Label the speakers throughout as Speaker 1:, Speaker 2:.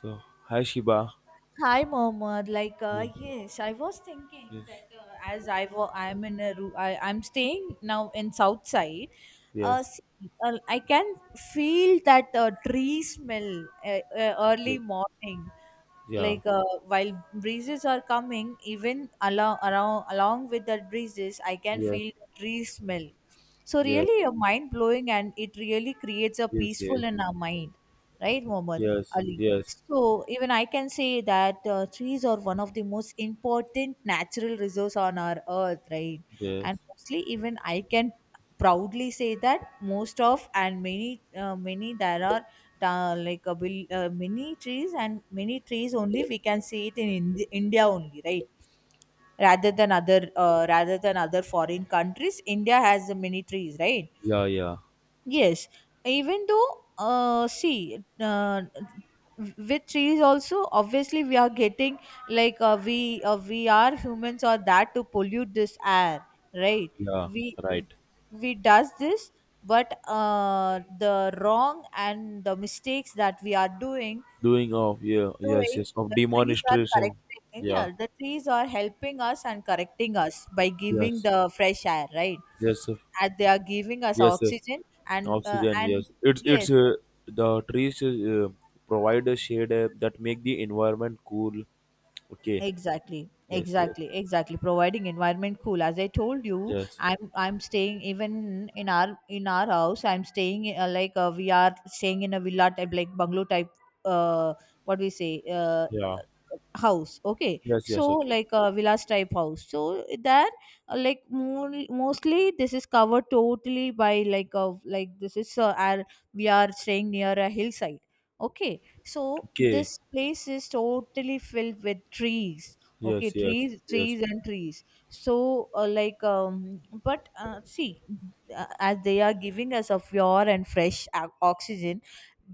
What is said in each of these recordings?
Speaker 1: So, hi Shiba.
Speaker 2: Hi, Mohammed.
Speaker 1: Yes,
Speaker 2: Yes, I was thinking
Speaker 1: yes,
Speaker 2: that as I'm in a I'm staying now in South Side. Uh,
Speaker 1: yes,
Speaker 2: see, I can feel that tree smell
Speaker 1: yes,
Speaker 2: early morning.
Speaker 1: yeah,
Speaker 2: While breezes are coming, even along around along with that breezes, I can
Speaker 1: yes,
Speaker 2: feel the tree smell. So
Speaker 1: yes,
Speaker 2: really, a mind blowing, and it really creates a
Speaker 1: yes, yes,
Speaker 2: peaceful in our mind, right, Mohammed?
Speaker 1: yes,
Speaker 2: Ali?
Speaker 1: yes,
Speaker 2: So even I can say that trees are one of the most important natural resource on our earth, right?
Speaker 1: yes,
Speaker 2: And mostly, even I can proudly say that most of and many many there are many trees and many trees only we can see it in India only, right? Rather than other foreign countries, India has many trees, right?
Speaker 1: yeah, yeah,
Speaker 2: Yes, even though, uh, see, uh, with trees also, obviously we are getting we are humans or that to pollute this air, right?
Speaker 1: yeah,
Speaker 2: We
Speaker 1: right.
Speaker 2: we does this, but the wrong and the mistakes that we are doing
Speaker 1: Doing of, yeah,
Speaker 2: to
Speaker 1: yes,
Speaker 2: it,
Speaker 1: yes, of
Speaker 2: the trees are
Speaker 1: demonstration.
Speaker 2: correcting.
Speaker 1: Yeah,
Speaker 2: Yeah, the trees are helping us and correcting us by giving
Speaker 1: yes,
Speaker 2: the fresh air, right?
Speaker 1: yes, sir,
Speaker 2: And they are giving us
Speaker 1: yes, sir.
Speaker 2: oxygen and uh,
Speaker 1: Oxygen,
Speaker 2: and
Speaker 1: yes.
Speaker 2: yes,
Speaker 1: The trees provide a shade that make the environment cool. Okay,
Speaker 2: exactly,
Speaker 1: yes, yes,
Speaker 2: exactly, exactly. Providing environment cool. As I told you,
Speaker 1: yes,
Speaker 2: I'm staying even in our house. I'm staying we are staying in a villa type, like bungalow type. Uh, what we say? Uh,
Speaker 1: yeah,
Speaker 2: house, okay,
Speaker 1: yes,
Speaker 2: so
Speaker 1: yes, okay,
Speaker 2: like a villas type house so there, like more, mostly this is covered totally by like of like this is our, we are staying near a hillside, okay, so
Speaker 1: okay,
Speaker 2: this place is totally filled with trees, okay,
Speaker 1: yes, yes,
Speaker 2: trees,
Speaker 1: yes,
Speaker 2: trees and trees. So like but see, as they are giving us a pure and fresh oxygen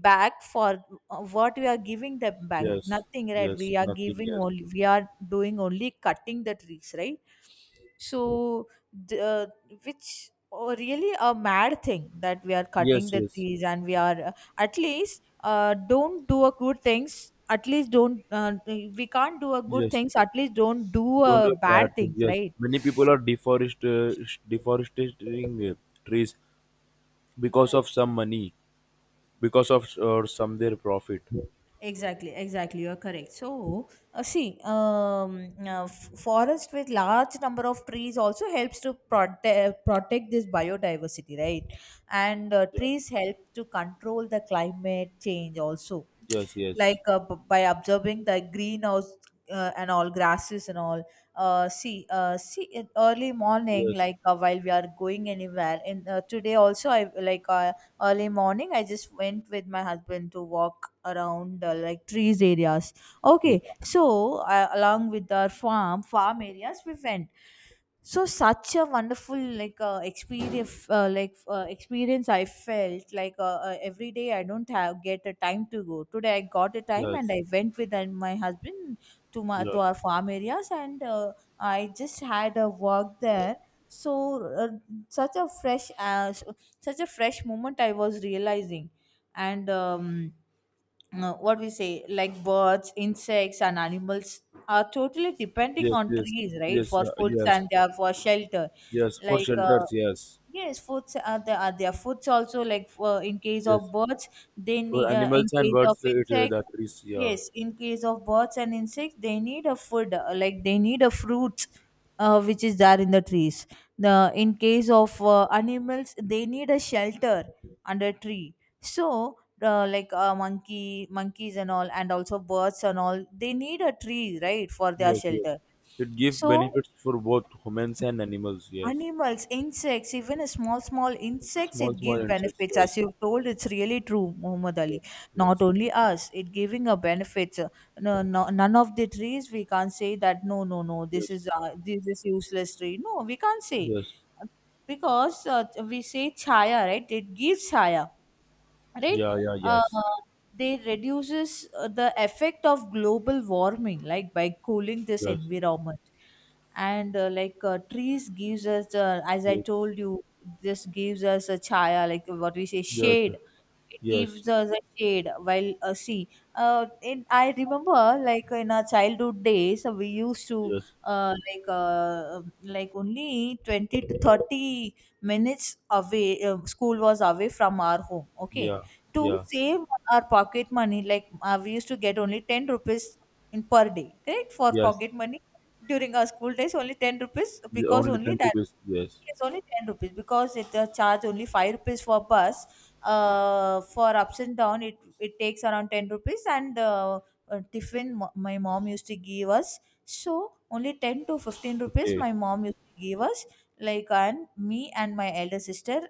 Speaker 2: back, for what we are giving the bank?
Speaker 1: yes,
Speaker 2: Nothing, right?
Speaker 1: yes,
Speaker 2: We are
Speaker 1: nothing.
Speaker 2: giving
Speaker 1: Yes,
Speaker 2: only, we are doing only cutting the trees, right? So the, uh, which, oh, really a mad thing that we are cutting
Speaker 1: yes,
Speaker 2: the
Speaker 1: yes,
Speaker 2: trees and we are at least don't do a good things, at least don't we can't do a good
Speaker 1: yes.
Speaker 2: things, at least don't do
Speaker 1: Don't
Speaker 2: a
Speaker 1: do
Speaker 2: bad
Speaker 1: bad thing.
Speaker 2: things,
Speaker 1: Yes,
Speaker 2: right?
Speaker 1: many people are deforest deforesting trees because of some money, because of or some their profit.
Speaker 2: Exactly, exactly. You're correct. So, forest with large number of trees also helps to protect this biodiversity, right? And
Speaker 1: Yeah.
Speaker 2: trees help to control the climate change also,
Speaker 1: Yes. Yes.
Speaker 2: by observing the greenhouse and all grasses and all. In early morning,
Speaker 1: Yes.
Speaker 2: while we are going anywhere, and today also, I like. Early morning, I just went with my husband to walk around like trees areas, okay,
Speaker 1: Yeah.
Speaker 2: so along with our farm areas we went. So such a wonderful experience, experience I felt, every day I don't have get a time to go, today I got a time and
Speaker 1: Yes.
Speaker 2: I went with my husband to my
Speaker 1: Yeah.
Speaker 2: to our farm areas, and I just had a walk there. So such a fresh such a fresh moment I was realizing, and what we say, like birds, insects and animals are totally depending
Speaker 1: Yes.
Speaker 2: on
Speaker 1: Yes.
Speaker 2: trees, right,
Speaker 1: Yes.
Speaker 2: for
Speaker 1: Yeah.
Speaker 2: food,
Speaker 1: Yes.
Speaker 2: and they are for shelter.
Speaker 1: Yes. For
Speaker 2: like uh,
Speaker 1: shelters. Yes.
Speaker 2: Yes, foods are there. Are there foods also like for in case
Speaker 1: Yes.
Speaker 2: of birds, they
Speaker 1: For
Speaker 2: need, in
Speaker 1: animals and
Speaker 2: case of
Speaker 1: birds, it
Speaker 2: insects.
Speaker 1: that trees. Yeah.
Speaker 2: Yes, in case of birds and insects, they need a food, like they need a fruit, which is there in the trees. The in case of animals, they need a shelter under tree. So monkey, monkeys and all, and also birds and all, they need a tree, right, for their
Speaker 1: Yes. Yes.
Speaker 2: shelter.
Speaker 1: It gives
Speaker 2: So
Speaker 1: benefits for both humans and animals. Yes.
Speaker 2: animals, insects, even a small, small insects,
Speaker 1: Small,
Speaker 2: it
Speaker 1: small
Speaker 2: give
Speaker 1: insects.
Speaker 2: benefits.
Speaker 1: Yes.
Speaker 2: As you've told, it's really true, Muhammad
Speaker 1: Yes,
Speaker 2: Ali.
Speaker 1: yes,
Speaker 2: Not only us, it giving a benefits. No, no, none of the trees we can't say that no, no, no.
Speaker 1: yes,
Speaker 2: This is useless tree. No, we can't say,
Speaker 1: yes,
Speaker 2: because we say chaya, right? It gives chaya, right.
Speaker 1: yeah, yeah,
Speaker 2: uh,
Speaker 1: yes,
Speaker 2: they reduces the effect of global warming, like by cooling this
Speaker 1: yes,
Speaker 2: environment and trees gives us, as I
Speaker 1: yes,
Speaker 2: told you, this gives us a chaya, like what we say,
Speaker 1: yes,
Speaker 2: shade. It
Speaker 1: yes,
Speaker 2: gives us a shade. While see in, I remember like in our childhood days, we used to,
Speaker 1: yes,
Speaker 2: uh, like uh, um, like only 20 to 30 minutes away school was away from our home, okay,
Speaker 1: yeah,
Speaker 2: to
Speaker 1: yeah,
Speaker 2: save our pocket money, we used to get only 10 rupees in per day, correct? For
Speaker 1: yes.
Speaker 2: pocket money during our school days, only 10 rupees
Speaker 1: The
Speaker 2: because
Speaker 1: only
Speaker 2: only
Speaker 1: time to
Speaker 2: that
Speaker 1: visit, yes.
Speaker 2: is only 10 rupees, because it charge only 5 rupees for bus. For ups and down, it takes around 10 rupees, and tiffin my mom used to give us. So only 10 to 15 rupees
Speaker 1: Okay,
Speaker 2: my mom used gave us, like, and me and my elder sister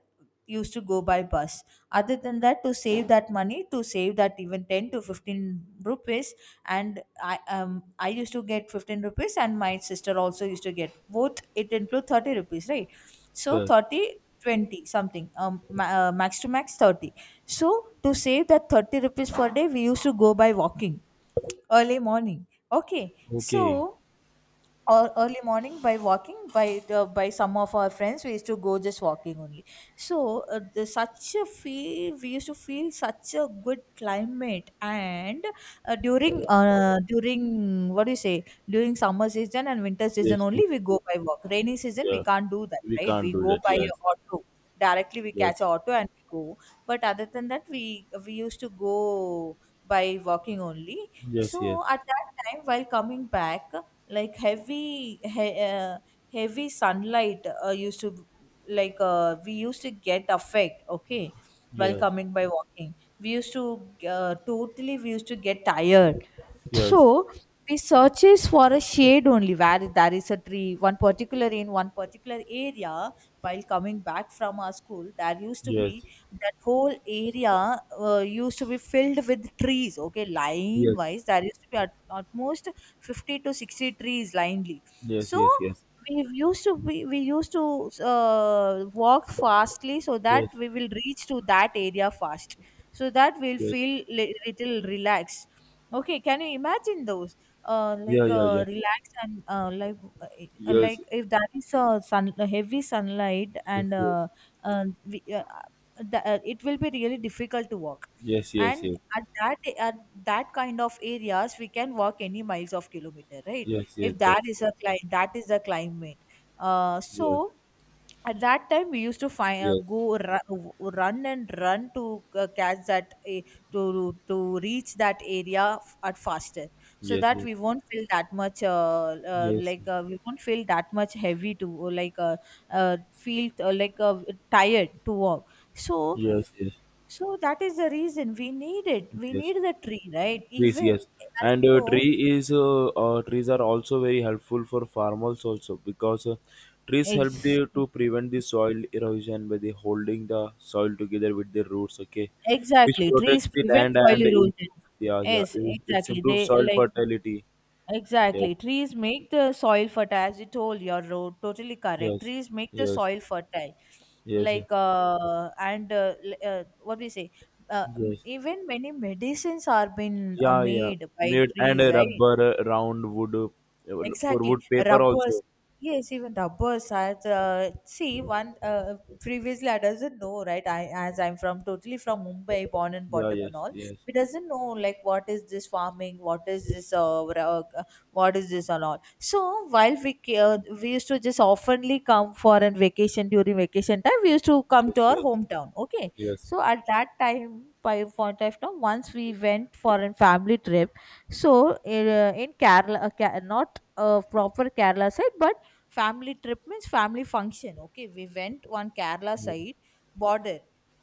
Speaker 2: used to go by bus. Other than that, to save that money, to save that even 10 to 15 rupees, and I used to get 15 rupees and my sister also used to get, both it include 30 rupees, right? So
Speaker 1: yes,
Speaker 2: 30, 20 something, max to max 30. So to save that 30 rupees per day, we used to go by walking early morning, okay.
Speaker 1: okay,
Speaker 2: So or early morning by walking by the by some of our friends, we used to go just walking only. So such a feel we used to feel, such a good climate. And
Speaker 1: yeah,
Speaker 2: during, what do you say, during summer season and winter season
Speaker 1: yes, yes,
Speaker 2: only we go by walk. Rainy season we
Speaker 1: yeah.
Speaker 2: can't do that,
Speaker 1: We
Speaker 2: right,
Speaker 1: can't
Speaker 2: we
Speaker 1: do
Speaker 2: go
Speaker 1: that.
Speaker 2: by
Speaker 1: Yes,
Speaker 2: auto, directly we catch
Speaker 1: yes,
Speaker 2: a auto and we go. But other than that we used to go by walking only.
Speaker 1: yes, yes,
Speaker 2: So at that time, while coming back, like heavy he- uh, heavy sunlight used to, we used to get affect, okay, while
Speaker 1: yes,
Speaker 2: coming by walking we used to totally we used to get tired.
Speaker 1: yes,
Speaker 2: So we searches for a shade only where there is a tree, one particular in one particular area. While coming back from our school, there used to
Speaker 1: yes,
Speaker 2: be that whole area used to be filled with trees. Okay, line
Speaker 1: yes,
Speaker 2: wise, there used to be at most 50 to 60 trees linely.
Speaker 1: yes,
Speaker 2: So
Speaker 1: yes, yes,
Speaker 2: we used to walk fastly so that
Speaker 1: yes,
Speaker 2: we will reach to that area fast, so that we'll
Speaker 1: yes,
Speaker 2: feel little relaxed. Okay, can you imagine those?
Speaker 1: yeah, yeah, yeah,
Speaker 2: Relax and
Speaker 1: yes,
Speaker 2: like if that is a sun, a heavy sunlight,
Speaker 1: yes,
Speaker 2: and
Speaker 1: yes.
Speaker 2: uh, we, uh, uh, it will be really difficult to walk.
Speaker 1: Yes, yes,
Speaker 2: And
Speaker 1: yes,
Speaker 2: at that kind of areas, we can walk any miles of kilometer, right?
Speaker 1: yes, yes,
Speaker 2: If that
Speaker 1: that's
Speaker 2: is
Speaker 1: correct.
Speaker 2: a climate, that is the climate.
Speaker 1: Yes,
Speaker 2: So at that time we used to find,
Speaker 1: yes,
Speaker 2: go run and run to catch that to reach that area at faster, so
Speaker 1: yes, yes,
Speaker 2: that
Speaker 1: yes,
Speaker 2: we won't feel that much
Speaker 1: yes,
Speaker 2: we won't feel that much heavy to, or like feel like tired to walk. So
Speaker 1: yes, yes,
Speaker 2: so that is the reason we need it, we
Speaker 1: yes.
Speaker 2: need the tree, right?
Speaker 1: Trees,
Speaker 2: Even
Speaker 1: yes.
Speaker 2: as
Speaker 1: And
Speaker 2: you know,
Speaker 1: trees are also very helpful for farmers also because trees help
Speaker 2: ex-
Speaker 1: the, to prevent the soil erosion by the holding the soil together with the roots. Okay, which
Speaker 2: exactly, trees
Speaker 1: protects the
Speaker 2: prevent
Speaker 1: land and
Speaker 2: soil erosion.
Speaker 1: improves. Yeah, yeah.
Speaker 2: Yes,
Speaker 1: It's
Speaker 2: exactly,
Speaker 1: improved
Speaker 2: they
Speaker 1: soil
Speaker 2: like
Speaker 1: fertility. Yes,
Speaker 2: exactly. Trees make the soil fertile, as you told, your road. Totally correct.
Speaker 1: yes,
Speaker 2: Trees make the
Speaker 1: yes,
Speaker 2: soil fertile.
Speaker 1: yes,
Speaker 2: What do you say?
Speaker 1: yes.
Speaker 2: Even many medicines are been
Speaker 1: Yeah, yeah.
Speaker 2: made by
Speaker 1: Made and
Speaker 2: trees, right?
Speaker 1: rubber, round wood for
Speaker 2: Exactly.
Speaker 1: wood paper also.
Speaker 2: Rubbers. Yes, even rubbers. I, see, one, previously I doesn't know, right? I, as I'm from totally from Mumbai, born and
Speaker 1: Yeah,
Speaker 2: brought up and
Speaker 1: yes,
Speaker 2: all.
Speaker 1: yes,
Speaker 2: We doesn't know like what is this farming, what is this what is this and all. So while we used to just oftenly come for a vacation, during vacation time we used to come
Speaker 1: yes,
Speaker 2: to our
Speaker 1: yes.
Speaker 2: hometown. Okay,
Speaker 1: Yes.
Speaker 2: so at that time, by point of time, once we went for a family trip, so in Kerala, not a proper Kerala side, but family trip means family function. Okay, we went on Kerala
Speaker 1: Yes.
Speaker 2: side border,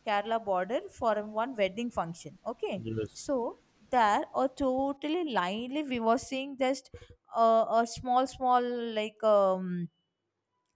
Speaker 2: Kerala border for one wedding function. Okay,
Speaker 1: Yes.
Speaker 2: so there a totally lively we were seeing just a small like um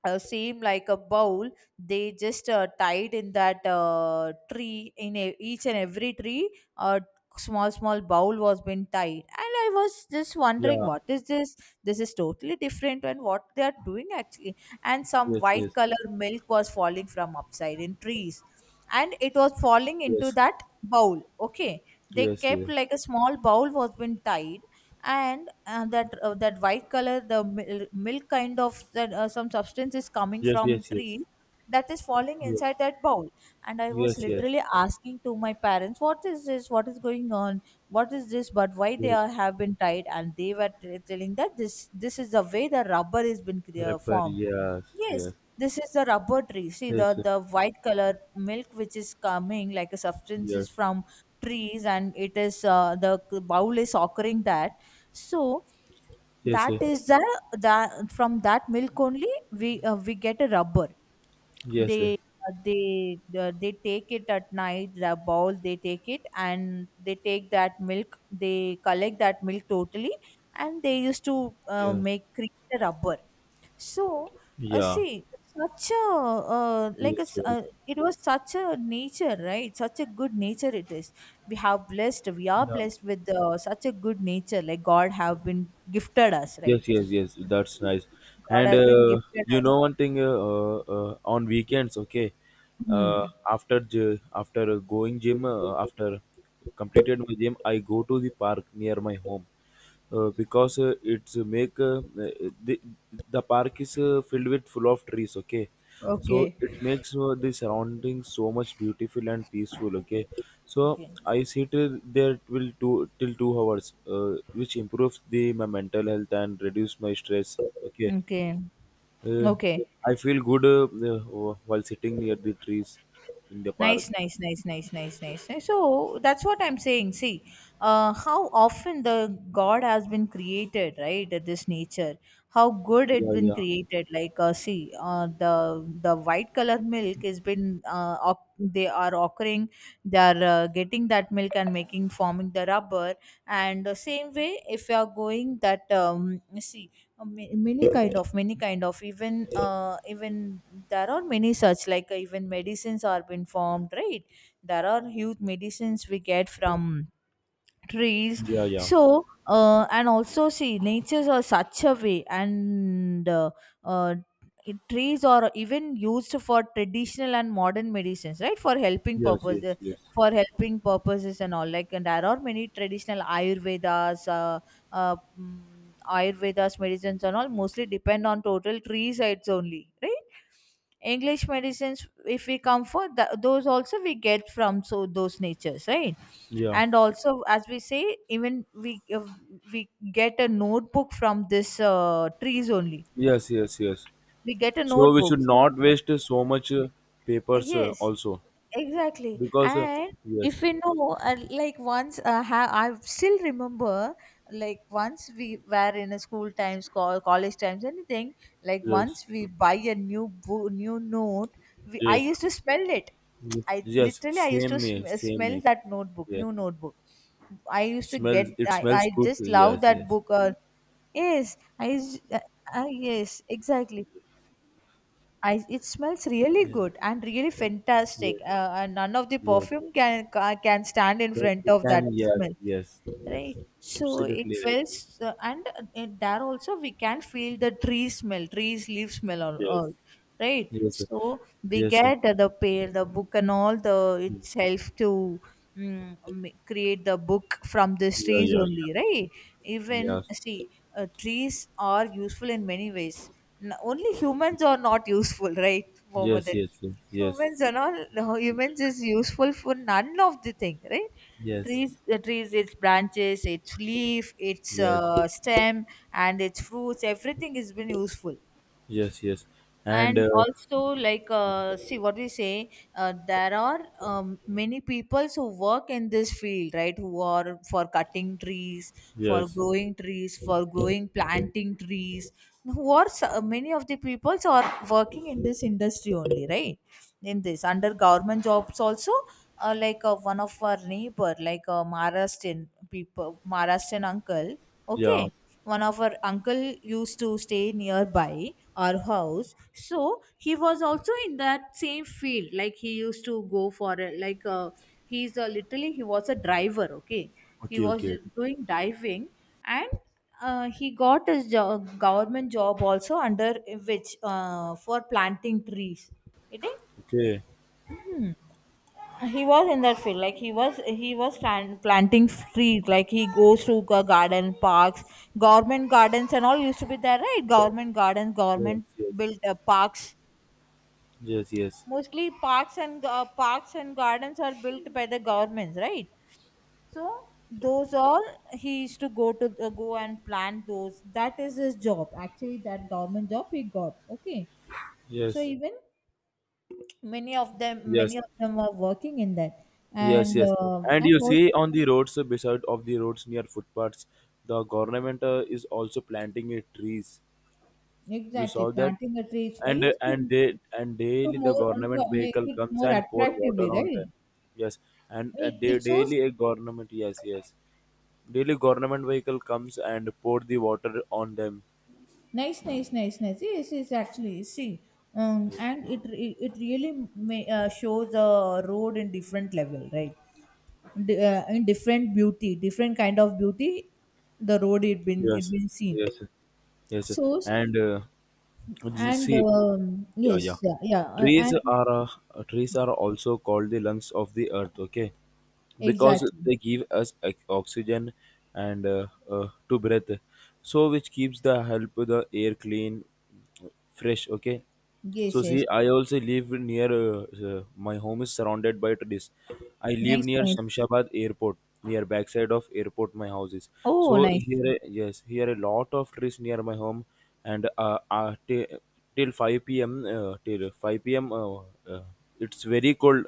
Speaker 2: seem like a bowl they just tied in that tree in a, each and every tree a small bowl was been tied, and I was just wondering
Speaker 1: Yeah.
Speaker 2: what is this. This is totally different, and what they are doing actually, and some
Speaker 1: Yes.
Speaker 2: white
Speaker 1: Yes.
Speaker 2: color milk was falling from upside in trees and it was falling into
Speaker 1: Yes.
Speaker 2: that bowl. Okay, they
Speaker 1: Yes.
Speaker 2: kept
Speaker 1: Yes.
Speaker 2: like a small bowl was been tied. And that that white color the milk kind of that some substance is coming
Speaker 1: Yes.
Speaker 2: from
Speaker 1: Yes. Yes.
Speaker 2: tree, that is falling inside that bowl. And I was
Speaker 1: Yes. Yes. Yes.
Speaker 2: literally asking to my parents, what is this, what is going on, what is this, but why they
Speaker 1: Yes.
Speaker 2: are, have been tied? And they were telling that this is the way the rubber has been
Speaker 1: Prepare.
Speaker 2: formed.
Speaker 1: Yes. Yes.
Speaker 2: Yes, this is the rubber tree. See, the
Speaker 1: Yes.
Speaker 2: white color milk which is coming like a substance
Speaker 1: Yes.
Speaker 2: is from trees, and it is the bowl is occurring that. So
Speaker 1: Yes.
Speaker 2: that is the, that from that milk only we get a rubber.
Speaker 1: Yes.
Speaker 2: They they take it at night, the bowl they take it, and they take that milk, they collect that milk totally, and they used to
Speaker 1: Yes.
Speaker 2: make create a rubber. So,
Speaker 1: Yeah.
Speaker 2: see, such a
Speaker 1: Yes. Yes.
Speaker 2: it was such a nature, right? Such a good nature it is. We have blessed, we are
Speaker 1: Yeah.
Speaker 2: blessed with such a good nature. Like God have been gifted us, right?
Speaker 1: Yes, yes, yes.
Speaker 2: To be
Speaker 1: That's
Speaker 2: true.
Speaker 1: nice.
Speaker 2: God
Speaker 1: And
Speaker 2: has been gifted
Speaker 1: you
Speaker 2: us.
Speaker 1: know one thing, on weekends, okay.
Speaker 2: Hmm.
Speaker 1: Uh, after going gym, after completed my gym, I go to the park near my home, because it's make the the park is filled with full of trees, okay, so
Speaker 2: Okay.
Speaker 1: it makes the surroundings so much beautiful and peaceful. Okay, so
Speaker 2: Okay.
Speaker 1: I sit there will two till 2 hours, which improves the my mental health and reduce my stress. Okay,
Speaker 2: Okay.
Speaker 1: uh,
Speaker 2: Okay.
Speaker 1: I feel good while sitting near the trees in the park.
Speaker 2: Nice, nice, nice, nice, nice, nice, nice. So that's what I'm saying. See, how often the God has been created, right? This nature, how good it
Speaker 1: Yeah,
Speaker 2: been
Speaker 1: yeah,
Speaker 2: created. Like, see, the white color milk has been they are occurring, they are getting that milk and making forming the rubber. And the same way, if you are going that see, many kind of even even there are many such like even medicines are been formed, right? There are huge medicines we get from trees.
Speaker 1: yeah, yeah,
Speaker 2: So and also see, natures are such a way, and uh, trees are even used for traditional and modern medicines, right, for helping
Speaker 1: yes, yes,
Speaker 2: purposes,
Speaker 1: yes,
Speaker 2: for helping purposes and all. Like, and there are many traditional ayurvedas ayurvedas medicines and all mostly depend on total tree sites only, right? English medicines, if we come for those also, we get from so those natures, right?
Speaker 1: yeah,
Speaker 2: And also, as we say, even we we get a notebook from this trees only.
Speaker 1: yes, yes, yes,
Speaker 2: We get a
Speaker 1: so we
Speaker 2: notebook.
Speaker 1: should not waste so much papers
Speaker 2: Yes,
Speaker 1: also,
Speaker 2: exactly.
Speaker 1: because
Speaker 2: And
Speaker 1: yes,
Speaker 2: if we know, like once, I still remember, like once we were in a school times, call, college times, anything. Like
Speaker 1: yes,
Speaker 2: once we buy a new new note, we I
Speaker 1: yes.
Speaker 2: used to smell it.
Speaker 1: Yes,
Speaker 2: I
Speaker 1: yes,
Speaker 2: literally I used to
Speaker 1: same here, same
Speaker 2: smell
Speaker 1: here.
Speaker 2: that notebook,
Speaker 1: Yeah,
Speaker 2: new notebook. I used to get.
Speaker 1: smells. It smells
Speaker 2: I
Speaker 1: good.
Speaker 2: just love
Speaker 1: Yes,
Speaker 2: that
Speaker 1: yes,
Speaker 2: book. Yes, I used. Yes, exactly. I, it smells really
Speaker 1: yeah,
Speaker 2: good and really
Speaker 1: yes,
Speaker 2: fantastic. And none of the
Speaker 1: yes, yes.
Speaker 2: perfume can can stand in
Speaker 1: But
Speaker 2: front
Speaker 1: you
Speaker 2: of that
Speaker 1: can. Yes,
Speaker 2: smell,
Speaker 1: yes, yes.
Speaker 2: right? So it
Speaker 1: Absolutely right.
Speaker 2: feels and there also we can feel the tree smell, trees leaf smell, all,
Speaker 1: Yes,
Speaker 2: all right?
Speaker 1: yes, sir,
Speaker 2: So we
Speaker 1: yes, sir.
Speaker 2: get the pale the book and all the
Speaker 1: Mm.
Speaker 2: itself to create the book from these
Speaker 1: Yeah,
Speaker 2: trees
Speaker 1: yeah,
Speaker 2: only, right?
Speaker 1: yeah.
Speaker 2: Even
Speaker 1: Yes,
Speaker 2: see, trees are useful in many ways. Only humans are not useful right,
Speaker 1: yes,
Speaker 2: Mohammed?
Speaker 1: yes, sir, yes,
Speaker 2: Humans and all, no, humans is useful for none of the thing, right?
Speaker 1: yes,
Speaker 2: Trees, the trees, its branches, its leaf, its
Speaker 1: yes,
Speaker 2: stem and its fruits, everything has been useful.
Speaker 1: yes, yes. And
Speaker 2: And also, like see what we say, there are many people who work in this field, right, who are for cutting trees, for
Speaker 1: yes,
Speaker 2: growing trees, for growing planting trees, who are many of the peoples are working in this industry only, right? In this under government jobs also. One of our neighbor, like a Maharashtrian people, Maharashtrian uncle,
Speaker 1: yeah.
Speaker 2: okay, one of our uncle used to stay nearby our house. So he was also in that same field. Like he used to go for like he's a literally he was a driver, okay? He
Speaker 1: Okay,
Speaker 2: was
Speaker 1: okay,
Speaker 2: doing diving, and he got his job, government job also, under which for planting trees. You think?
Speaker 1: okay.
Speaker 2: He was in that field. Like he was, he was planting trees. Like he goes to garden parks, government gardens and all used to be there, right? Government gardens,
Speaker 1: Yes,
Speaker 2: government
Speaker 1: yes,
Speaker 2: built parks,
Speaker 1: yes,
Speaker 2: mostly parks, and parks and gardens are built by the governments, right? So those all, he used to go and plant those. That is his job, actually. That government job he got, okay? So
Speaker 1: yes, yes,
Speaker 2: even many of them, many
Speaker 1: yes.
Speaker 2: of them are working in that.
Speaker 1: Yes,
Speaker 2: And
Speaker 1: yes. And
Speaker 2: and
Speaker 1: you
Speaker 2: also,
Speaker 1: see on the roads, beside of the roads near footpaths, the government is also planting trees. You saw
Speaker 2: exactly,
Speaker 1: that?
Speaker 2: planting a tree is,
Speaker 1: And,
Speaker 2: yes,
Speaker 1: and they, and
Speaker 2: to
Speaker 1: daily the
Speaker 2: more to
Speaker 1: government
Speaker 2: make
Speaker 1: vehicle
Speaker 2: it
Speaker 1: comes
Speaker 2: more
Speaker 1: and pour water
Speaker 2: attractively,
Speaker 1: on them.
Speaker 2: right?
Speaker 1: Yes, and
Speaker 2: It,
Speaker 1: they
Speaker 2: it shows
Speaker 1: daily a government. Yes, yes. Daily government vehicle comes and pour the water on them.
Speaker 2: nice, nice, nice, nice. Yes, yes, actually, see,
Speaker 1: Yes.
Speaker 2: and it it really may, shows the road in different level, right? In different beauty, different kind of beauty, the road it been, it
Speaker 1: Yes,
Speaker 2: been seen
Speaker 1: yes, yes.
Speaker 2: shows,
Speaker 1: And you
Speaker 2: and
Speaker 1: see, yeah, yeah.
Speaker 2: yes, yeah, yeah,
Speaker 1: Trees
Speaker 2: and
Speaker 1: are, trees are also called the lungs of the earth. Okay, because
Speaker 2: exactly,
Speaker 1: they give us ox- oxygen and to breathe, so which keeps the help the air clean fresh. Okay, so
Speaker 2: yes,
Speaker 1: see,
Speaker 2: yes,
Speaker 1: I also live near, uh, my home is surrounded by trees. I live
Speaker 2: nice,
Speaker 1: near
Speaker 2: nice.
Speaker 1: Shamshabad airport, near backside of airport my house is. So
Speaker 2: Oh, nice.
Speaker 1: here, yes, here a lot of trees near my home. And till 5 p.m, till 5 p.m, uh, it's very cold,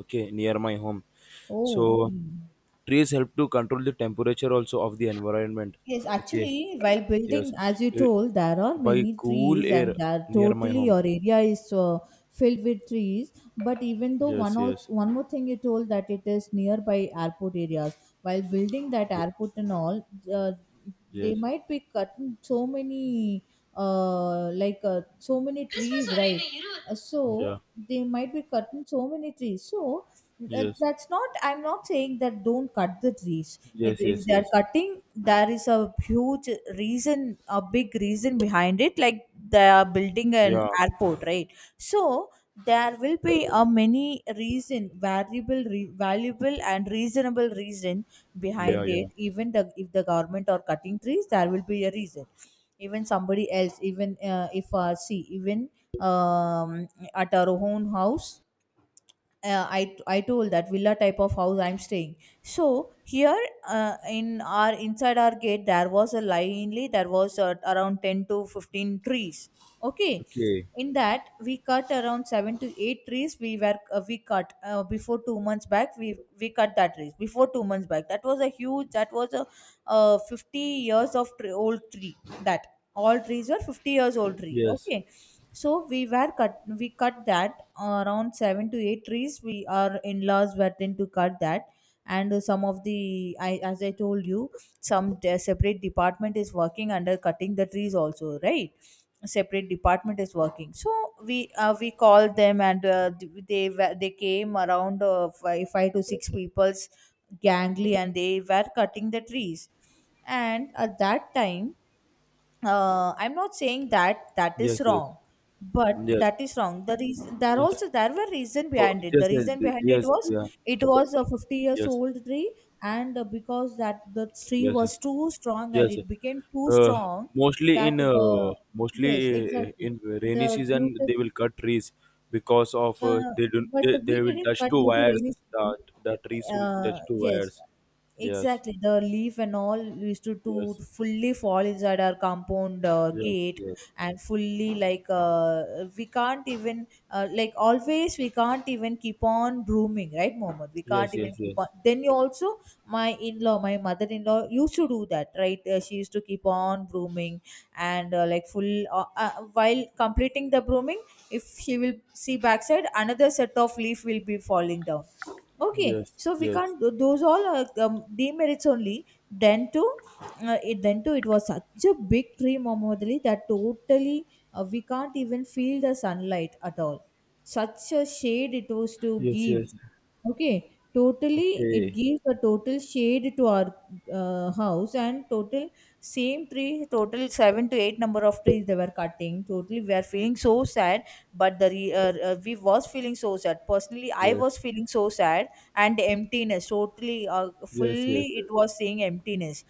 Speaker 1: okay, near my home.
Speaker 2: Oh,
Speaker 1: So
Speaker 2: hmm.
Speaker 1: trees help to control the temperature also of the environment.
Speaker 2: Yes.
Speaker 1: Okay,
Speaker 2: Actually, while building,
Speaker 1: yes,
Speaker 2: as you
Speaker 1: it,
Speaker 2: told, there are
Speaker 1: by
Speaker 2: many
Speaker 1: cool
Speaker 2: trees,
Speaker 1: air
Speaker 2: and there
Speaker 1: near my
Speaker 2: totally
Speaker 1: home.
Speaker 2: your area is filled with trees. But even though, one
Speaker 1: Yes, yes,
Speaker 2: also one more thing you told, that it is nearby airport areas. While building that
Speaker 1: ye-
Speaker 2: airport and all, uh, they
Speaker 1: yes,
Speaker 2: might be cutting so many so many trees, right?
Speaker 1: yeah,
Speaker 2: So they might be cutting so many trees. So
Speaker 1: yes,
Speaker 2: that's not, I'm not saying that don't cut the trees.
Speaker 1: yes,
Speaker 2: If
Speaker 1: yes,
Speaker 2: they are
Speaker 1: yes.
Speaker 2: cutting, there is a huge reason, a big reason behind it. Like they are building an
Speaker 1: Yeah,
Speaker 2: airport, right? So there will be a many reason, variable, valuable, and reasonable reason
Speaker 1: yeah,
Speaker 2: behind
Speaker 1: yeah.
Speaker 2: it. Even the if the government are cutting trees, there will be a reason. Even somebody else even if see, even um, at our own house, I told that villa type of house I'm staying. So here in our inside our gate, there was a linely, there was around 10 to 15 trees. Okay,
Speaker 1: Okay.
Speaker 2: in that we cut around 7 to 8 trees. We were we cut before 2 months back, we cut that trees before 2 months back. That was a huge, that was a 50 years of old tree. That all trees were 50 years old tree,
Speaker 1: Yes,
Speaker 2: okay? So we were cut, we cut that around 7 to 8 trees. We our in-laws were then to cut that. And some of the, I, as I told you, some separate department is working under cutting the trees also, right? A separate department is working. So we we called them, and they were, they came around five, five to six people's gangly, and they were cutting the trees. And at that time, I'm not saying that that
Speaker 1: yes,
Speaker 2: is
Speaker 1: yes,
Speaker 2: wrong, but
Speaker 1: yes,
Speaker 2: that is wrong. The reason there
Speaker 1: yes.
Speaker 2: also, there were reason
Speaker 1: Oh,
Speaker 2: behind it.
Speaker 1: yes,
Speaker 2: The
Speaker 1: yes,
Speaker 2: reason behind it
Speaker 1: yes,
Speaker 2: was,
Speaker 1: yeah,
Speaker 2: it was a 50 years
Speaker 1: yes,
Speaker 2: old tree, and because that, the tree
Speaker 1: yes.
Speaker 2: was too strong, and
Speaker 1: Yes,
Speaker 2: it became too
Speaker 1: uh,
Speaker 2: strong, that the, yes,
Speaker 1: mostly
Speaker 2: exactly,
Speaker 1: in rainy
Speaker 2: the due
Speaker 1: season
Speaker 2: to
Speaker 1: they will cut trees, because of
Speaker 2: uh, but
Speaker 1: they
Speaker 2: we
Speaker 1: will
Speaker 2: didn't
Speaker 1: touch
Speaker 2: cut
Speaker 1: two
Speaker 2: due to
Speaker 1: wires.
Speaker 2: rainy season.
Speaker 1: The the trees will touch two
Speaker 2: Yes,
Speaker 1: wires. Yes,
Speaker 2: exactly. The leaf and all used to
Speaker 1: yes,
Speaker 2: fully fall inside our compound
Speaker 1: yes,
Speaker 2: gate,
Speaker 1: yes,
Speaker 2: and fully like we can't even like always we can't even keep on brooming, right, Mohammed? We
Speaker 1: yes,
Speaker 2: can't
Speaker 1: yes,
Speaker 2: even keep on.
Speaker 1: yes,
Speaker 2: Then you also my in-law, my mother-in-law used to do that, right? She used to keep on brooming and like full while completing the brooming, if she will see backside another set of leaf will be falling down. Okay,
Speaker 1: yes,
Speaker 2: so we
Speaker 1: yes,
Speaker 2: can't those all are demerits only. Then too, it, then too, it was such a big tree, momodali that totally we can't even feel the sunlight at all. Such a shade it was to
Speaker 1: yes,
Speaker 2: give.
Speaker 1: yes.
Speaker 2: Okay, totally it
Speaker 1: Okay,
Speaker 2: gives a total shade to our house and total. Same tree, total seven to eight number of trees they were cutting. Totally we are
Speaker 1: okay.
Speaker 2: feeling so sad. But we was feeling so sad, personally I
Speaker 1: Yes,
Speaker 2: was feeling so sad, and emptiness. Totally
Speaker 1: yes, yes,
Speaker 2: fully
Speaker 1: yes,
Speaker 2: it was seeing emptiness.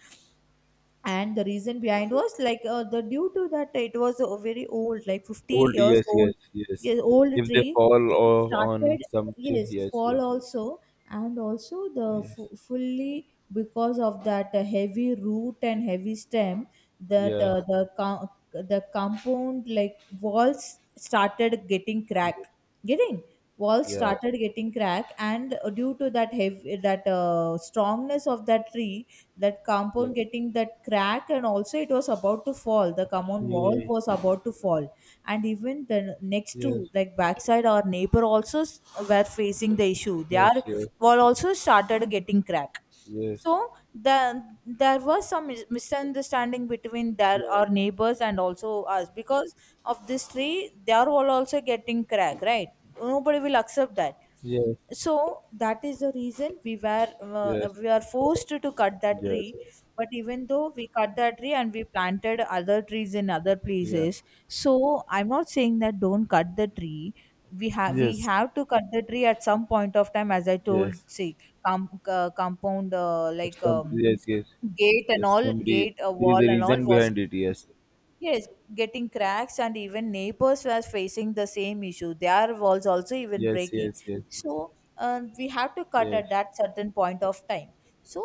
Speaker 2: And the reason
Speaker 1: yes,
Speaker 2: behind
Speaker 1: sir.
Speaker 2: was like the due to that it was a very old, like 50
Speaker 1: Old.
Speaker 2: years
Speaker 1: Yes,
Speaker 2: old.
Speaker 1: yes, yes.
Speaker 2: Yeah, old
Speaker 1: If they
Speaker 2: tree.
Speaker 1: fall
Speaker 2: It
Speaker 1: or on
Speaker 2: started,
Speaker 1: some ch-
Speaker 2: yes,
Speaker 1: yes,
Speaker 2: fall
Speaker 1: yes, yes,
Speaker 2: also. And also
Speaker 1: yes.
Speaker 2: fully because of that heavy root and heavy stem, that
Speaker 1: Yeah.
Speaker 2: the compound like walls started getting crack, getting. Walls
Speaker 1: Yeah.
Speaker 2: started getting crack, and due to that heavy, that strongness of that tree, that
Speaker 1: Yeah.
Speaker 2: compound getting that crack. And also it was about to fall, the compound wall
Speaker 1: Okay.
Speaker 2: was about to fall. And even the next
Speaker 1: Yes.
Speaker 2: to, like backside, our neighbor also were facing the issue.
Speaker 1: Yes.
Speaker 2: Their
Speaker 1: Yes.
Speaker 2: wall also started getting crack.
Speaker 1: Yes.
Speaker 2: So the there was some misunderstanding between their,
Speaker 1: Yeah.
Speaker 2: our neighbors and also us, because of this tree their wall also getting crack, right? Nobody will accept that.
Speaker 1: Yes.
Speaker 2: So that is the reason we were
Speaker 1: Yes.
Speaker 2: we are forced to cut that
Speaker 1: Yes.
Speaker 2: tree. But even though we cut that tree, and we planted other trees in other
Speaker 1: Yeah.
Speaker 2: places, so I'm not saying that don't cut the tree. We
Speaker 1: Yes.
Speaker 2: have to cut the tree at some point of time. As I told,
Speaker 1: Yes.
Speaker 2: see, compound,
Speaker 1: But
Speaker 2: like,
Speaker 1: some. Yes. Yes.
Speaker 2: gate and
Speaker 1: Yes.
Speaker 2: all,
Speaker 1: Somebody.
Speaker 2: gate, a
Speaker 1: There is a
Speaker 2: wall and all
Speaker 1: reason
Speaker 2: was.
Speaker 1: behind it. Yes.
Speaker 2: Yes, getting cracks, and even neighbors were facing the same issue. Their walls also even
Speaker 1: Yes.
Speaker 2: breaking.
Speaker 1: Yes. Yes.
Speaker 2: So we have to cut
Speaker 1: Yes.
Speaker 2: at that certain point of time. So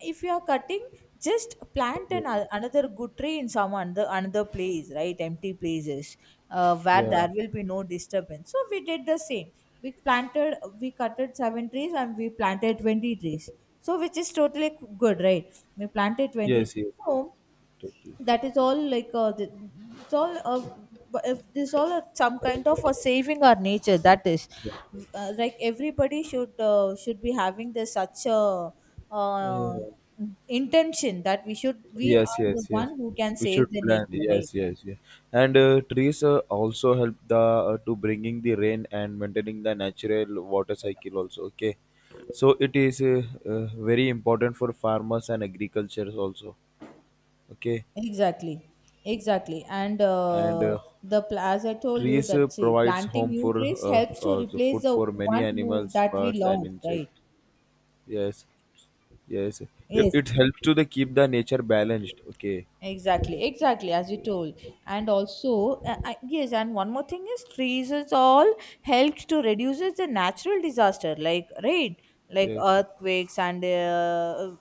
Speaker 2: if you are cutting, just plant
Speaker 1: Yeah.
Speaker 2: another good tree in some another place, right? Empty places where
Speaker 1: Yeah.
Speaker 2: there will be no disturbance. So we did the same. We planted, we cutted seven trees, and we planted 20 trees. So which is totally good, right? We planted 20.
Speaker 1: Yes. Yes. Yes.
Speaker 2: So
Speaker 1: Totally.
Speaker 2: that is all like it's all if this all some kind of a saving our nature. That is like everybody should be having this, such a uh,
Speaker 1: Yeah.
Speaker 2: intention, that we should, we
Speaker 1: Yes,
Speaker 2: are the
Speaker 1: yes, yes.
Speaker 2: one who can
Speaker 1: We should
Speaker 2: save the
Speaker 1: plan.
Speaker 2: nature, right?
Speaker 1: Yes, yes, yes. And trees also help the to bringing the rain and maintaining the natural water cycle also. Okay, so it is very important for farmers and agriculture also. Okay,
Speaker 2: Exactly, exactly. And
Speaker 1: and
Speaker 2: as I told you,
Speaker 1: trees
Speaker 2: that see,
Speaker 1: provides
Speaker 2: planting
Speaker 1: home
Speaker 2: new
Speaker 1: for
Speaker 2: trees helps to
Speaker 1: the
Speaker 2: replace
Speaker 1: food
Speaker 2: the
Speaker 1: for many
Speaker 2: one who
Speaker 1: animals,
Speaker 2: that we
Speaker 1: birds, and
Speaker 2: lost, right?
Speaker 1: insects. Yes, yes. It,
Speaker 2: Yes.
Speaker 1: it helps to the keep the nature balanced. Okay.
Speaker 2: Exactly, exactly, as you told. And also, yes, and one more thing is trees is all helps to reduces the natural disaster, like, right, like
Speaker 1: Yes.
Speaker 2: earthquakes and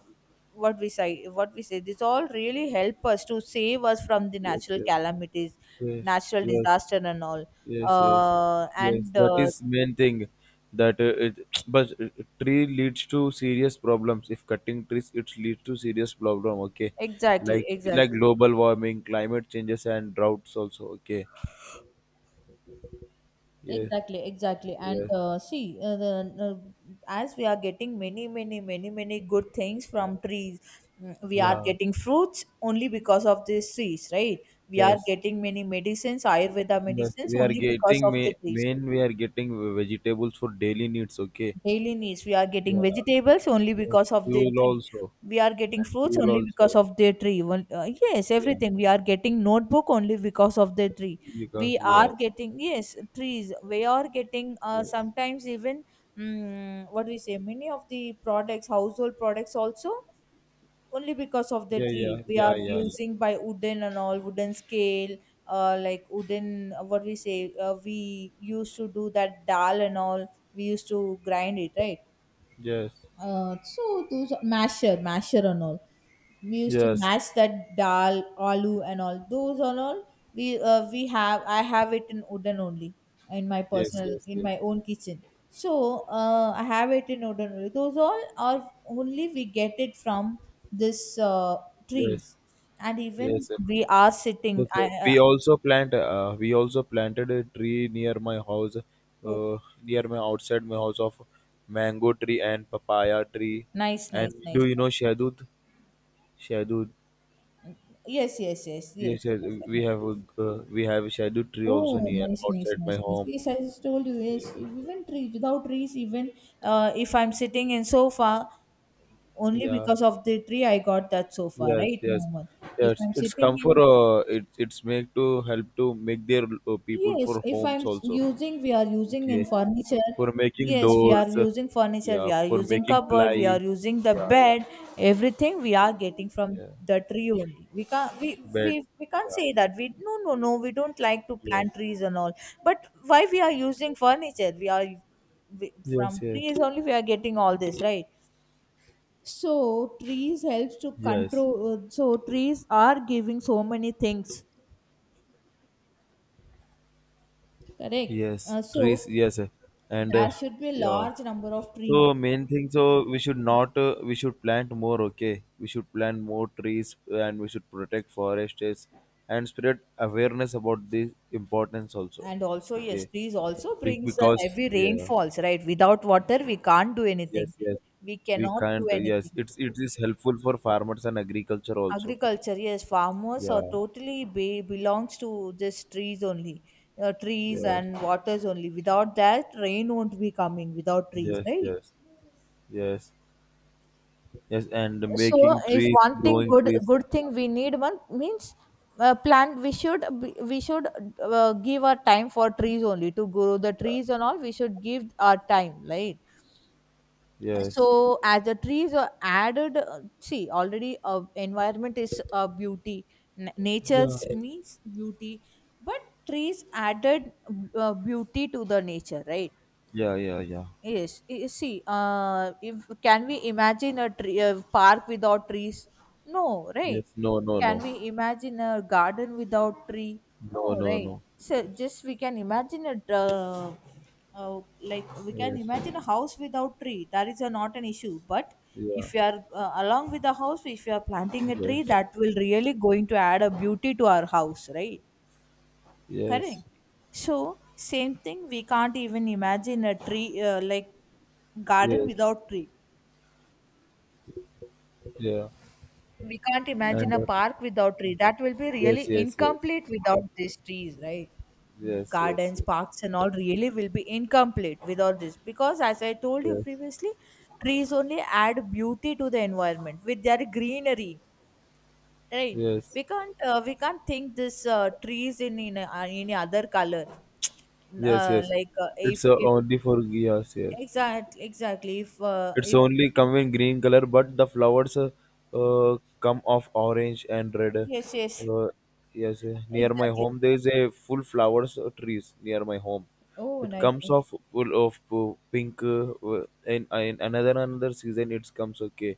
Speaker 2: what we say, what we say. This all really help us to save us from the
Speaker 1: Yes.
Speaker 2: natural
Speaker 1: Yes.
Speaker 2: calamities,
Speaker 1: Yes.
Speaker 2: natural
Speaker 1: Yes.
Speaker 2: disaster and all.
Speaker 1: Yes, yes, yes.
Speaker 2: And
Speaker 1: That is main thing. That it, but Tree leads to serious problems. If cutting trees, it leads to serious problem. Okay,
Speaker 2: exactly,
Speaker 1: like
Speaker 2: exactly.
Speaker 1: like global warming, climate changes, and droughts also. Okay. Yes.
Speaker 2: Exactly, exactly. And
Speaker 1: Yes.
Speaker 2: see, as we are getting many, many, many, many good things from trees, mm, we are
Speaker 1: Yeah.
Speaker 2: getting fruits only because of these trees, right? We are
Speaker 1: Yes.
Speaker 2: getting many medicines, Ayurveda
Speaker 1: Yes.
Speaker 2: medicines,
Speaker 1: We are
Speaker 2: only because
Speaker 1: getting
Speaker 2: of the
Speaker 1: ma-
Speaker 2: trees.
Speaker 1: main. We are getting vegetables for daily needs. Okay.
Speaker 2: Daily needs, we are getting
Speaker 1: Yeah.
Speaker 2: vegetables only
Speaker 1: Yes.
Speaker 2: because of their
Speaker 1: Fuel
Speaker 2: tree.
Speaker 1: also.
Speaker 2: We are getting
Speaker 1: And
Speaker 2: fruits
Speaker 1: fuel
Speaker 2: only because
Speaker 1: also.
Speaker 2: of their tree. Well, yes,
Speaker 1: Yeah.
Speaker 2: everything we are getting, notebook, only because of their tree.
Speaker 1: Because
Speaker 2: We are
Speaker 1: yes.
Speaker 2: getting, yes, trees, we are getting,
Speaker 1: Yes.
Speaker 2: sometimes even, mm, what do we say, many of the products, household products also, only because of the
Speaker 1: Yeah. Yeah.
Speaker 2: tree we
Speaker 1: Yeah.
Speaker 2: are
Speaker 1: Yeah. Yeah.
Speaker 2: using by wooden and all, wooden scale, like wooden, what we say, we used to do that dal and all. We used to grind it, right?
Speaker 1: Yes,
Speaker 2: So those are- masher, masher and all. We used to
Speaker 1: yes,
Speaker 2: mash that dal, aloo, and all those and all. We have I have it in wooden only, in my
Speaker 1: yes,
Speaker 2: personal,
Speaker 1: yes,
Speaker 2: in
Speaker 1: yes,
Speaker 2: my own kitchen. So I have it in wooden only. Those all are only we get it from this
Speaker 1: yes,
Speaker 2: trees. And
Speaker 1: yes,
Speaker 2: even
Speaker 1: sir,
Speaker 2: we are sitting.
Speaker 1: yes,
Speaker 2: I
Speaker 1: sir.
Speaker 2: uh,
Speaker 1: We also plant. We also planted a tree near my house,
Speaker 2: Okay.
Speaker 1: near my outside my house, of mango tree and papaya tree.
Speaker 2: Nice,
Speaker 1: And
Speaker 2: nice,
Speaker 1: do
Speaker 2: nice.
Speaker 1: you know shadud? Shadud.
Speaker 2: Yes, yes, yes, yes,
Speaker 1: Yes, yes.
Speaker 2: yes,
Speaker 1: We have
Speaker 2: yes.
Speaker 1: a, we have a shadud tree also
Speaker 2: Oh,
Speaker 1: near
Speaker 2: nice, nice,
Speaker 1: outside my
Speaker 2: nice, nice.
Speaker 1: home.
Speaker 2: Yes, I just told you, yes, even trees, without trees, even if I'm sitting in sofa, only
Speaker 1: Yeah.
Speaker 2: because of the tree I got that sofa,
Speaker 1: Yes,
Speaker 2: right,
Speaker 1: yes,
Speaker 2: Mohammed? If
Speaker 1: yes.
Speaker 2: I'm
Speaker 1: It's
Speaker 2: sitting
Speaker 1: come for,
Speaker 2: in.
Speaker 1: it, it's make to help to make their people
Speaker 2: Yes,
Speaker 1: for
Speaker 2: if
Speaker 1: homes also.
Speaker 2: using, we are using in
Speaker 1: Okay,
Speaker 2: furniture.
Speaker 1: for making
Speaker 2: Yes, we are
Speaker 1: doors,
Speaker 2: using furniture,
Speaker 1: yeah,
Speaker 2: we are
Speaker 1: for
Speaker 2: using
Speaker 1: making
Speaker 2: cupboard, we are
Speaker 1: ply,
Speaker 2: using the
Speaker 1: yeah, yeah,
Speaker 2: bed, everything we are getting from
Speaker 1: yeah,
Speaker 2: the tree only.
Speaker 1: beds,
Speaker 2: We can't
Speaker 1: yeah,
Speaker 2: say that. We, no no no, we don't like to plant trees and all. But why we are using furniture?
Speaker 1: yes, yes,
Speaker 2: From
Speaker 1: yes,
Speaker 2: trees only we are getting all this, right? So trees helps to
Speaker 1: yes,
Speaker 2: control, so trees are giving so many things. Correct.
Speaker 1: yes,
Speaker 2: Uh,
Speaker 1: trees,
Speaker 2: so
Speaker 1: yes, and
Speaker 2: There should be a
Speaker 1: yeah.
Speaker 2: large number of trees.
Speaker 1: So main thing, so we should not, we should plant more. Okay, we should plant more trees, and we should protect forests and spread awareness about this importance also.
Speaker 2: And also, yes,
Speaker 1: Okay,
Speaker 2: trees also
Speaker 1: be-
Speaker 2: brings the
Speaker 1: because
Speaker 2: heavy
Speaker 1: yeah.
Speaker 2: rainfalls, right? Without water, we can't do anything.
Speaker 1: Yes, yes.
Speaker 2: We
Speaker 1: We
Speaker 2: cannot do
Speaker 1: can't. Yes,
Speaker 2: anything.
Speaker 1: it's it is helpful for farmers and agriculture also.
Speaker 2: Agriculture, yes, farmers are
Speaker 1: Yeah.
Speaker 2: belongs to this trees only, trees
Speaker 1: Yes.
Speaker 2: and waters only. Without that, rain won't be coming without trees,
Speaker 1: Yes.
Speaker 2: right?
Speaker 1: Yes. Yes. Yes. And
Speaker 2: So
Speaker 1: making
Speaker 2: if
Speaker 1: trees,
Speaker 2: one thing,
Speaker 1: growing
Speaker 2: good
Speaker 1: trees.
Speaker 2: good thing we need, one means, plant we should be- we should give our time for trees only, to grow the trees and all, we should give our time, right?
Speaker 1: Yes.
Speaker 2: So as the trees are added, see, already environment is a beauty.
Speaker 1: Yeah.
Speaker 2: Nature's means beauty, but trees added beauty to the nature, right?
Speaker 1: Yeah. Yeah. Yeah.
Speaker 2: See, if, can we imagine a tree, a park without trees? No, right?
Speaker 1: Yes. No. No.
Speaker 2: Can
Speaker 1: No.
Speaker 2: we imagine a garden without tree? No,
Speaker 1: No. No.
Speaker 2: right?
Speaker 1: No.
Speaker 2: So just we can imagine a like, we can
Speaker 1: Yes.
Speaker 2: imagine a house without tree. That is a, not an issue. But
Speaker 1: Yeah.
Speaker 2: if you are along with the house, if you are planting a tree,
Speaker 1: Yes.
Speaker 2: that will really going to add a beauty to our house, right?
Speaker 1: Yes.
Speaker 2: Correct. So, same thing, we can't even imagine a tree, like garden
Speaker 1: Yes.
Speaker 2: without tree.
Speaker 1: Yeah.
Speaker 2: We can't imagine
Speaker 1: And
Speaker 2: a park without tree. That will be
Speaker 1: yes.
Speaker 2: really
Speaker 1: Yes. Yes.
Speaker 2: incomplete without these trees, right?
Speaker 1: Yes. Yes.
Speaker 2: Gardens,
Speaker 1: Yes.
Speaker 2: parks, and all really will be incomplete without this, because, as I told you
Speaker 1: Yes.
Speaker 2: previously, trees only add beauty to the environment with their greenery, right?
Speaker 1: Yes.
Speaker 2: We can't think this trees in, any other color.
Speaker 1: Yes. Yes.
Speaker 2: Like
Speaker 1: It's
Speaker 2: if
Speaker 1: only for yes. Yes.
Speaker 2: Exactly, exactly.
Speaker 1: It's
Speaker 2: If
Speaker 1: only come in green color, but the flowers, come of orange and red.
Speaker 2: yes, yes,
Speaker 1: Uh, yes, near my
Speaker 2: exactly.
Speaker 1: home there is a full flowers trees near my home.
Speaker 2: Oh,
Speaker 1: It
Speaker 2: nice
Speaker 1: comes
Speaker 2: one.
Speaker 1: of full of pink. In in another another season, it comes. Okay,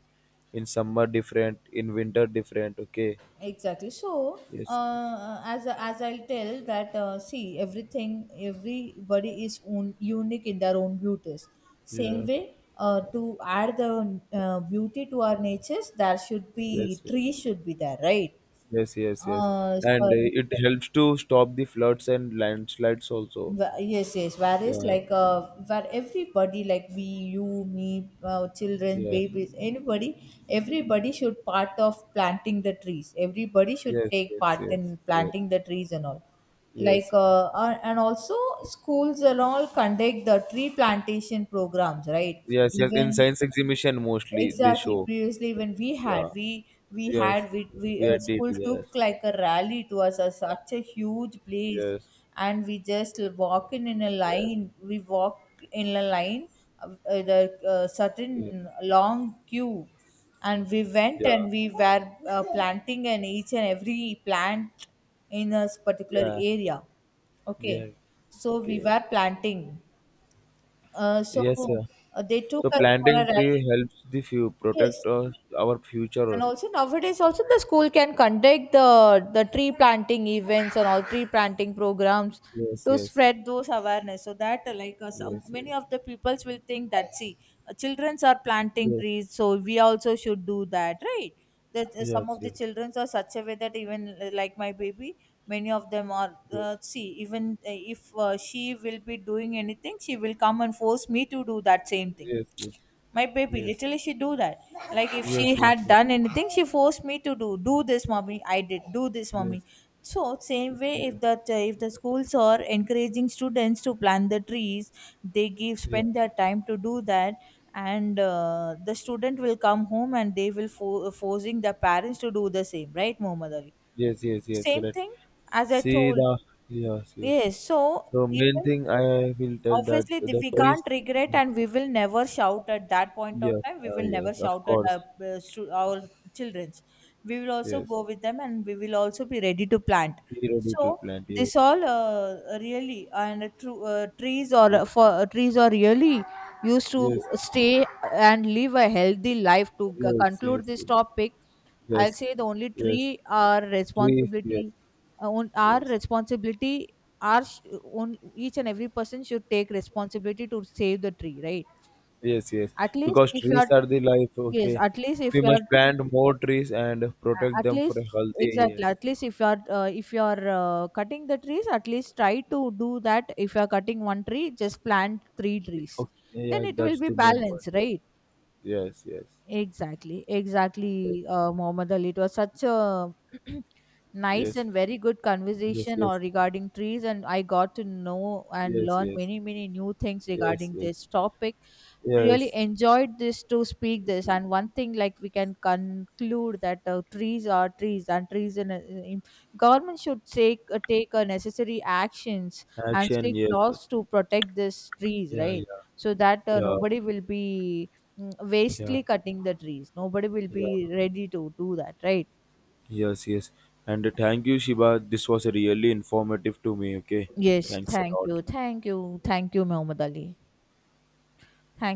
Speaker 1: in summer different, in winter different. Okay.
Speaker 2: Exactly. So,
Speaker 1: Yes.
Speaker 2: as I'll tell that, see, everything, everybody is unique in their own beauties. Same
Speaker 1: Yeah.
Speaker 2: way, to add the beauty to our natures, there should
Speaker 1: Yes.
Speaker 2: be
Speaker 1: Yes.
Speaker 2: trees should be there, right?
Speaker 1: Yes. Yes. Yes. And
Speaker 2: Sorry.
Speaker 1: it helps to stop the floods and landslides also.
Speaker 2: Yes, yes. Where is
Speaker 1: Yeah.
Speaker 2: like where everybody, like we, you, me, children,
Speaker 1: Yes.
Speaker 2: babies, anybody, everybody should part of planting the trees. Everybody should
Speaker 1: Yes,
Speaker 2: take
Speaker 1: yes,
Speaker 2: part
Speaker 1: yes,
Speaker 2: in
Speaker 1: yes,
Speaker 2: planting the trees and all. Like
Speaker 1: yes,
Speaker 2: and also schools and all conduct the tree plantation programs, right?
Speaker 1: yes, yes. In
Speaker 2: Even.
Speaker 1: science exhibition, mostly they
Speaker 2: Exactly.
Speaker 1: show.
Speaker 2: Previously, when we had,
Speaker 1: Yeah,
Speaker 2: we
Speaker 1: yes,
Speaker 2: had we
Speaker 1: we are did.
Speaker 2: school took
Speaker 1: Yes,
Speaker 2: like a rally. It was a, such a huge place,
Speaker 1: yes,
Speaker 2: and we just walk in a
Speaker 1: yes,
Speaker 2: line. We walk in a line, the
Speaker 1: yes,
Speaker 2: certain long queue, and we went
Speaker 1: yeah,
Speaker 2: and we were planting and each and every plant in a particular
Speaker 1: yeah,
Speaker 2: area. Okay,
Speaker 1: yeah.
Speaker 2: so we
Speaker 1: Okay.
Speaker 2: were planting. Uh, so
Speaker 1: Yes, sir.
Speaker 2: they took
Speaker 1: So
Speaker 2: us for a
Speaker 1: planting
Speaker 2: rally.
Speaker 1: tree helps the few protect
Speaker 2: Yes,
Speaker 1: us, our future.
Speaker 2: and also nowadays, also the school can conduct the tree planting events and all, tree planting programs,
Speaker 1: Yes,
Speaker 2: to
Speaker 1: yes,
Speaker 2: spread those awareness. So that some,
Speaker 1: yes,
Speaker 2: many
Speaker 1: yes,
Speaker 2: of the peoples will think that, see, childrens are planting
Speaker 1: yes,
Speaker 2: trees, so we also should do that, right? That some
Speaker 1: yes,
Speaker 2: of the
Speaker 1: yes,
Speaker 2: childrens are such a way that even like my baby, many of them are,
Speaker 1: yes,
Speaker 2: see even if she will be doing anything, she will come and force me to do that same thing.
Speaker 1: yes, yes,
Speaker 2: My baby
Speaker 1: yes,
Speaker 2: literally she do that, like if she
Speaker 1: yes, yes,
Speaker 2: had
Speaker 1: yes,
Speaker 2: done anything, she forced me to do. Do this mommy, I did, do this mommy.
Speaker 1: yes.
Speaker 2: So same way,
Speaker 1: Okay.
Speaker 2: if that if the schools are encouraging students to plant the trees, they give
Speaker 1: Yeah.
Speaker 2: spend their time to do that, and the student will come home and they will forcing the parents to do the same, right, Mohammed Ali?
Speaker 1: Yes, yes, yes.
Speaker 2: Same
Speaker 1: Right.
Speaker 2: thing as I
Speaker 1: See
Speaker 2: told,
Speaker 1: the yes, yes.
Speaker 2: yes. So
Speaker 1: So main
Speaker 2: even
Speaker 1: thing I will tell that
Speaker 2: obviously
Speaker 1: the
Speaker 2: we
Speaker 1: trees.
Speaker 2: can't regret, and we will never shout. At that point of
Speaker 1: Yes,
Speaker 2: time we will never
Speaker 1: yes, of
Speaker 2: shout at our,
Speaker 1: course.
Speaker 2: our childrens. We will also
Speaker 1: Yes,
Speaker 2: go with them, and we will also be ready to plant.
Speaker 1: zero due to
Speaker 2: So
Speaker 1: plant.
Speaker 2: this
Speaker 1: Yes,
Speaker 2: all really, and true trees or
Speaker 1: yes,
Speaker 2: for trees are really used to
Speaker 1: yes,
Speaker 2: stay and live a healthy life. To
Speaker 1: yes, yes, yes,
Speaker 2: conclude this topic, I'll
Speaker 1: yes,
Speaker 2: say, the only
Speaker 1: yes.
Speaker 2: tree, our
Speaker 1: Trees. Yes,
Speaker 2: responsibility, our
Speaker 1: yes,
Speaker 2: responsibility, our own, each and every person should take responsibility to save the tree, right?
Speaker 1: yes, yes.
Speaker 2: At least
Speaker 1: Because
Speaker 2: if you
Speaker 1: trees
Speaker 2: are,
Speaker 1: are the life.
Speaker 2: yes,
Speaker 1: Okay,
Speaker 2: at least if
Speaker 1: we
Speaker 2: you are,
Speaker 1: must plant more trees and protect
Speaker 2: at
Speaker 1: them for
Speaker 2: least
Speaker 1: a healthy.
Speaker 2: exactly,
Speaker 1: And,
Speaker 2: at least if you are cutting the trees, at least try to do that. If you are cutting one tree, just plant three trees,
Speaker 1: okay,
Speaker 2: then
Speaker 1: yeah,
Speaker 2: it will
Speaker 1: that's
Speaker 2: be
Speaker 1: the main point.
Speaker 2: balanced, right?
Speaker 1: Yes, yes,
Speaker 2: Exactly,
Speaker 1: yes,
Speaker 2: exactly, Mohammed Ali. It was such a nice
Speaker 1: yes,
Speaker 2: and very good
Speaker 1: yes,
Speaker 2: conversation or
Speaker 1: yes,
Speaker 2: regarding trees, and I got to know and
Speaker 1: yes,
Speaker 2: learn
Speaker 1: yes.
Speaker 2: many, many new things
Speaker 1: Yes,
Speaker 2: regarding
Speaker 1: yes,
Speaker 2: this topic. I really
Speaker 1: yes.
Speaker 2: enjoyed this to speak this, and one thing like we can conclude that trees are trees, and trees in, in government, should take necessary actions and
Speaker 1: Action,
Speaker 2: strict
Speaker 1: yes.
Speaker 2: laws to protect these trees,
Speaker 1: Yeah,
Speaker 2: right?
Speaker 1: yeah,
Speaker 2: So that
Speaker 1: yeah,
Speaker 2: nobody will be, mm,
Speaker 1: yeah,
Speaker 2: wastely cutting the trees, nobody will
Speaker 1: yeah.
Speaker 2: be ready to do that, right?
Speaker 1: Yes, yes. And thank you, Shiba. This was really informative to me. Okay.
Speaker 2: Yes,
Speaker 1: Thanks a
Speaker 2: thank
Speaker 1: lot.
Speaker 2: you, thank you. Thank you, Muhammad Ali. Thank.